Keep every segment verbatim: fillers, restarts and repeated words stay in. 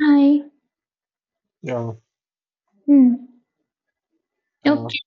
Hi. Yeah, Hmm. uh, Okay,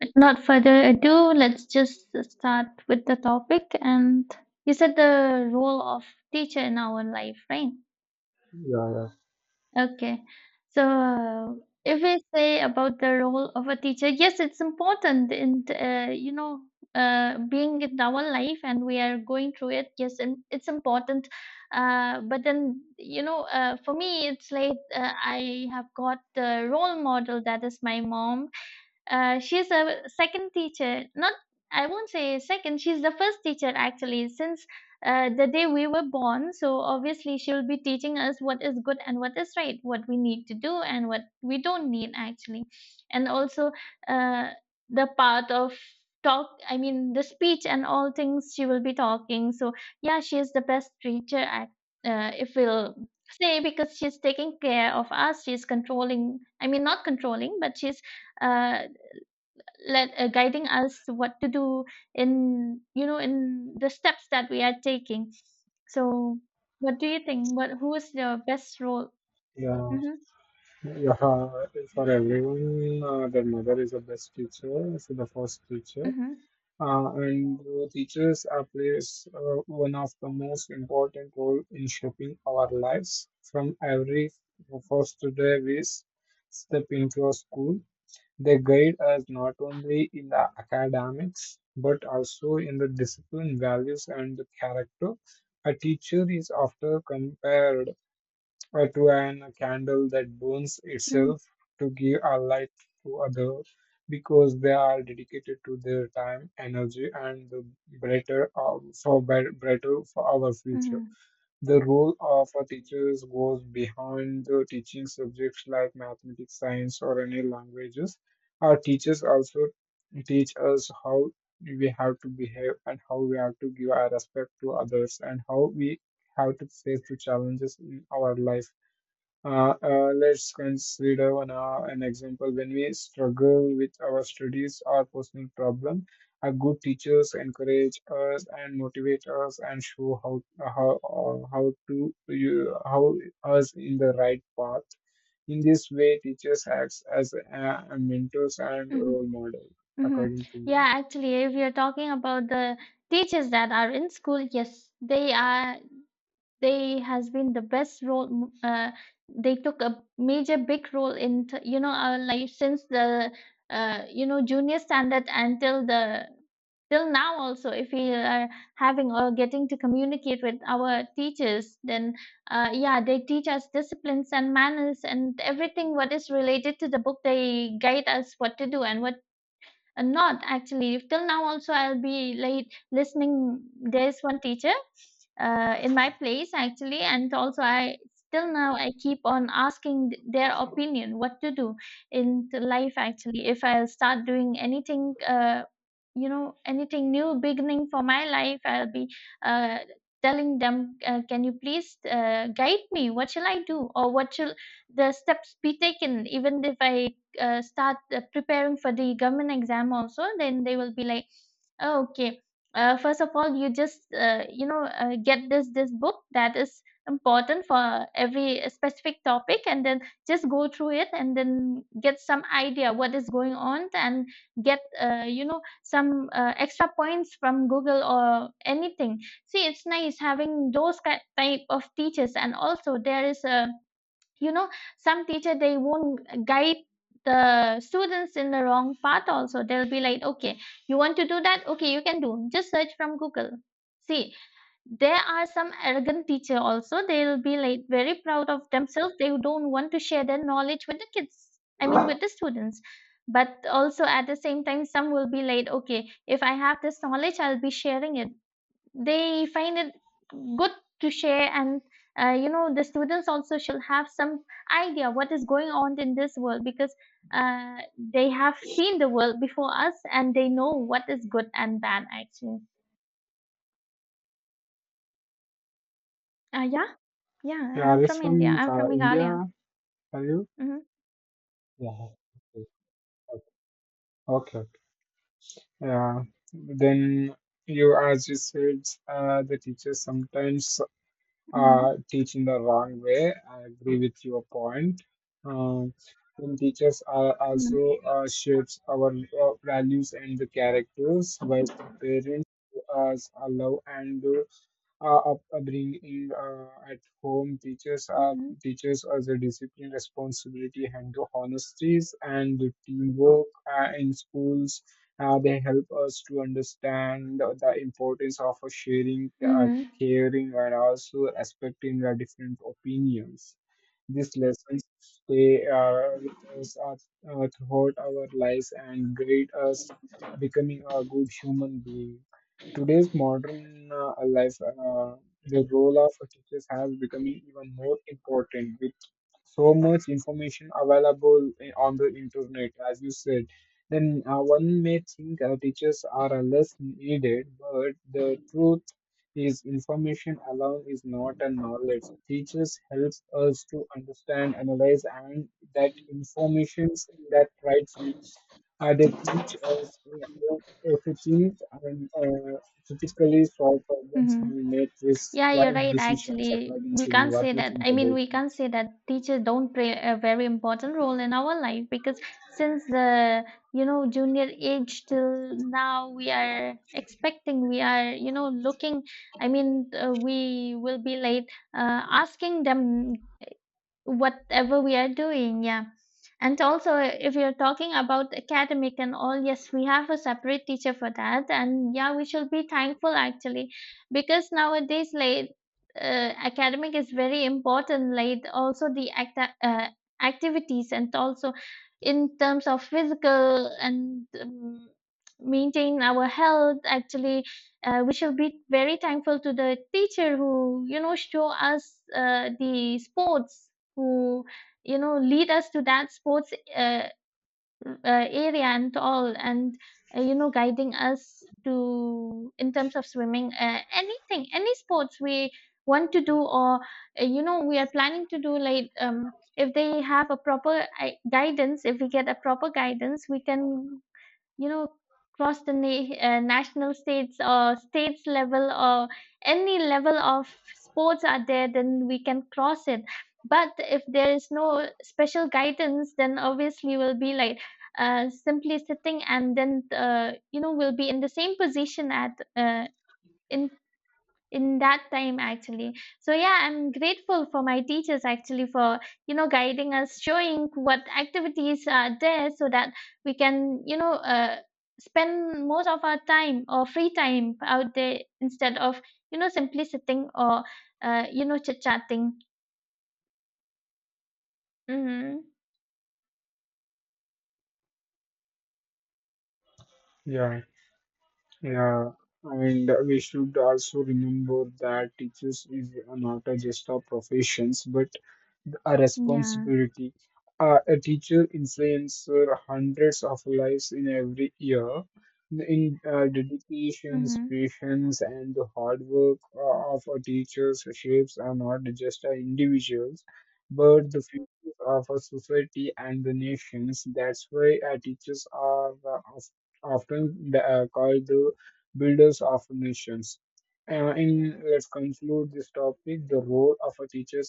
without further ado, let's just start with the topic. And you said the role of teacher in our life, right? yeah, yeah, Okay. So, uh, if we say about the role of a teacher, yes, it's important in uh, you know uh, being in our life, and we are going through it. Yes, and it's important. Uh, but then you know, uh, for me, it's like uh, I have got the role model that is my mom. Uh, she's a second teacher. Not, I won't say second. She's the first teacher actually since uh, the day we were born. So obviously she will be teaching us what is good and what is right, what we need to do and what we don't need actually, and also uh, the part of talk. I mean the speech and all things she will be talking. So yeah, she is the best teacher. Act, uh, if we'll say because she's taking care of us, she's controlling. I mean not controlling, but she's uh let uh, guiding us to what to do in, you know, in the steps that we are taking. So what do you think, what, who is the best role? Hmm. yeah, yeah. uh, For everyone, uh, their mother is the best teacher, so the first teacher. Hmm. Uh, and uh, teachers are plays uh, one of the most important role in shaping our lives. From every first day we s- step into a school, they guide us not only in the academics but also in the discipline, values, and the character. A teacher is often compared or to an candle that burns Hmm. itself to give a light to others because they are dedicated to their time, energy, and the brighter uh, for bri- brighter for our future. Hmm. The role of a teacher goes beyond the teaching subjects like mathematics, science, or any languages. Our teachers also teach us how we have to behave and how we have to give our respect to others and how we have to face the challenges in our life. Uh, uh, let's consider one, uh, an example. When we struggle with our studies or personal problem, our good teachers encourage us and motivate us and show how uh, how uh, how to you, how us in the right path. In this way, teachers acts as uh, mentors and Hmm. role model, Hmm. according to me. Yeah, actually if you're talking about the teachers that are in school, yes, they are, they has been the best role. Uh, they took a major big role in t- you know our life since the uh, you know junior standard until the, till now. Also, if we are having or getting to communicate with our teachers, then uh, yeah, they teach us disciplines and manners and everything what is related to the book. They guide us what to do and what. Uh, not actually. Till now, also, I'll be like listening. There's one teacher uh, in my place actually, and also I, till now I keep on asking th- their opinion what to do in the life actually. If I'll start doing anything, uh, you know, anything new beginning for my life, I'll be uh, telling them, uh, can you please uh, guide me? What shall I do, or what shall the steps be taken? Even if I uh, start uh, preparing for the government exam also, then they will be like, oh, okay, uh, first of all you just uh, you know uh, get this this book that is important for every specific topic and then just go through it and then get some idea what is going on, and get uh, you know some uh, extra points from google or anything. See, it's nice having those ki- type of teachers. And also there is a, you know, some teacher, they won't guide the students in the wrong path. Also they'll be like, okay, you want to do that, okay, you can do, just search from google. See, there are some arrogant teacher also. They'll be like very proud of themselves, they don't want to share their knowledge with the kids. I mean with the students. But also at the same time, some will be like, okay, if I have this knowledge, I'll be sharing it. They find it good to share. And uh, you know, the students also should have some idea what is going on in this world because uh, they have seen the world before us and they know what is good and bad actually. Uh, yeah. yeah Yeah, are I'm you from india, from I'm from uh, India? meghalaya. Are you? Mm-hmm. Yeah. Okay. Okay. Yeah, then you, as you said, uh, the teachers sometimes uh, Mm-hmm. teach in the wrong way. I agree with your point. Um, and teachers are Mm-hmm. also uh, shapes our uh, values and the characters, while the parents us allow and uh, up- upbringing uh, at home teaches uh, Mm-hmm. teaches us the discipline, responsibility, and the honesties and the teamwork uh, in schools. Uh, they help us to understand the importance of sharing, uh, Mm-hmm. caring, and also respecting our different opinions. These lessons stay uh, with us uh, uh, throughout our lives and guide us becoming a good human being today's modern uh, life. Uh, the role of teachers has become even more important with so much information available i- on the internet, as you said. Then uh, one may think uh, teachers are uh, less needed, but the truth is information alone is not a knowledge. Teachers helps us to understand, analyze, and that information that right we uh, they teach us uh, everything and uh, typically solve problems Mm-hmm. and make these Yeah, you're wise right. decisions Actually, according we to can't what say we that. think I mean, about we it. can't say that teachers don't play a very important role in our life because since the, you know, junior age till now, we are expecting, we are, you know, looking. I mean, uh, we will be late uh, asking them whatever we are doing. Yeah. And also if you're talking about academic and all, yes, we have a separate teacher for that. And yeah, we should be thankful actually, because nowadays, like, uh, academic is very important. Like, also the act- uh, activities and also in terms of physical and um, maintain our health actually. Uh, we should be very thankful to the teacher who, you know, show us uh, the sports, who, you know, lead us to that sports uh, uh, area and all. And uh, you know, guiding us to in terms of swimming, uh, anything, any sports we want to do or uh, you know, we are planning to do. Like, um, if they have a proper uh, guidance, if we get a proper guidance, we can, you know, across the na- uh, national states or states level or any level of sports are there, then we can cross it. But if there is no special guidance, then obviously we'll be like uh, simply sitting and then, uh, you know, we'll be in the same position at uh, in in that time actually. So yeah, I'm grateful for my teachers actually for, you know, guiding us, showing what activities are there so that we can, you know, uh, spend most of our time or free time out there instead of, you know, simply sitting or, uh, you know, chit chatting. Mm-hmm. Yeah, yeah. And we should also remember that teachers is not a just a professions, but a Yeah. responsibility. Uh, a teacher influences hundreds of lives in every year. In uh, dedications, Mm-hmm. patience, and the hard work uh, of a teacher's shapes are not just uh, individuals, but the future of a society and the nations. That's why uh, teachers are uh, of- often uh, called the builders of nations. Uh, in Let's conclude this topic, the role of a teacher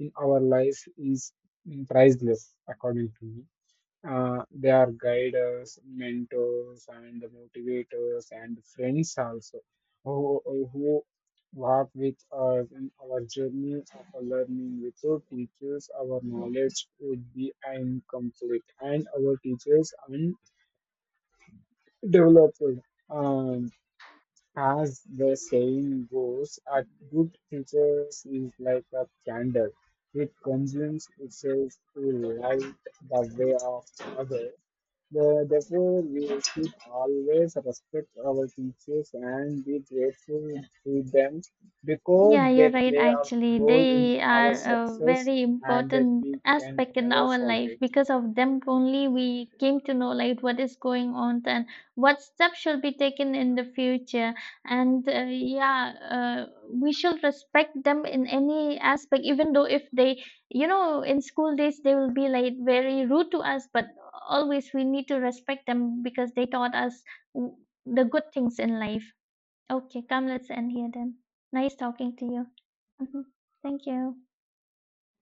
in our lives is priceless, according to me. Uh, they are guides, mentors, and motivators, and friends also who, who walk with us in our journey of learning. Without teachers, our knowledge would be incomplete, and our teachers and developed. Um, as the saying goes, a good teacher is like a candle. It consumes itself to light the way of others. The- Therefore, we should always respect our teachers and be grateful to them because Yeah, you're they right, play a actually. role in They our are a success very and that important we can aspect in never our life. forget. Because of them only we came to know like what is going on and what steps should be taken in the future. And uh, yeah, uh, we should respect them in any aspect, even though if they, you know, in school days they will be like very rude to us, but always we need to respect them because they taught us w- the good things in life. Okay, come, let's end here then. Nice talking to you. Mhm. Thank you.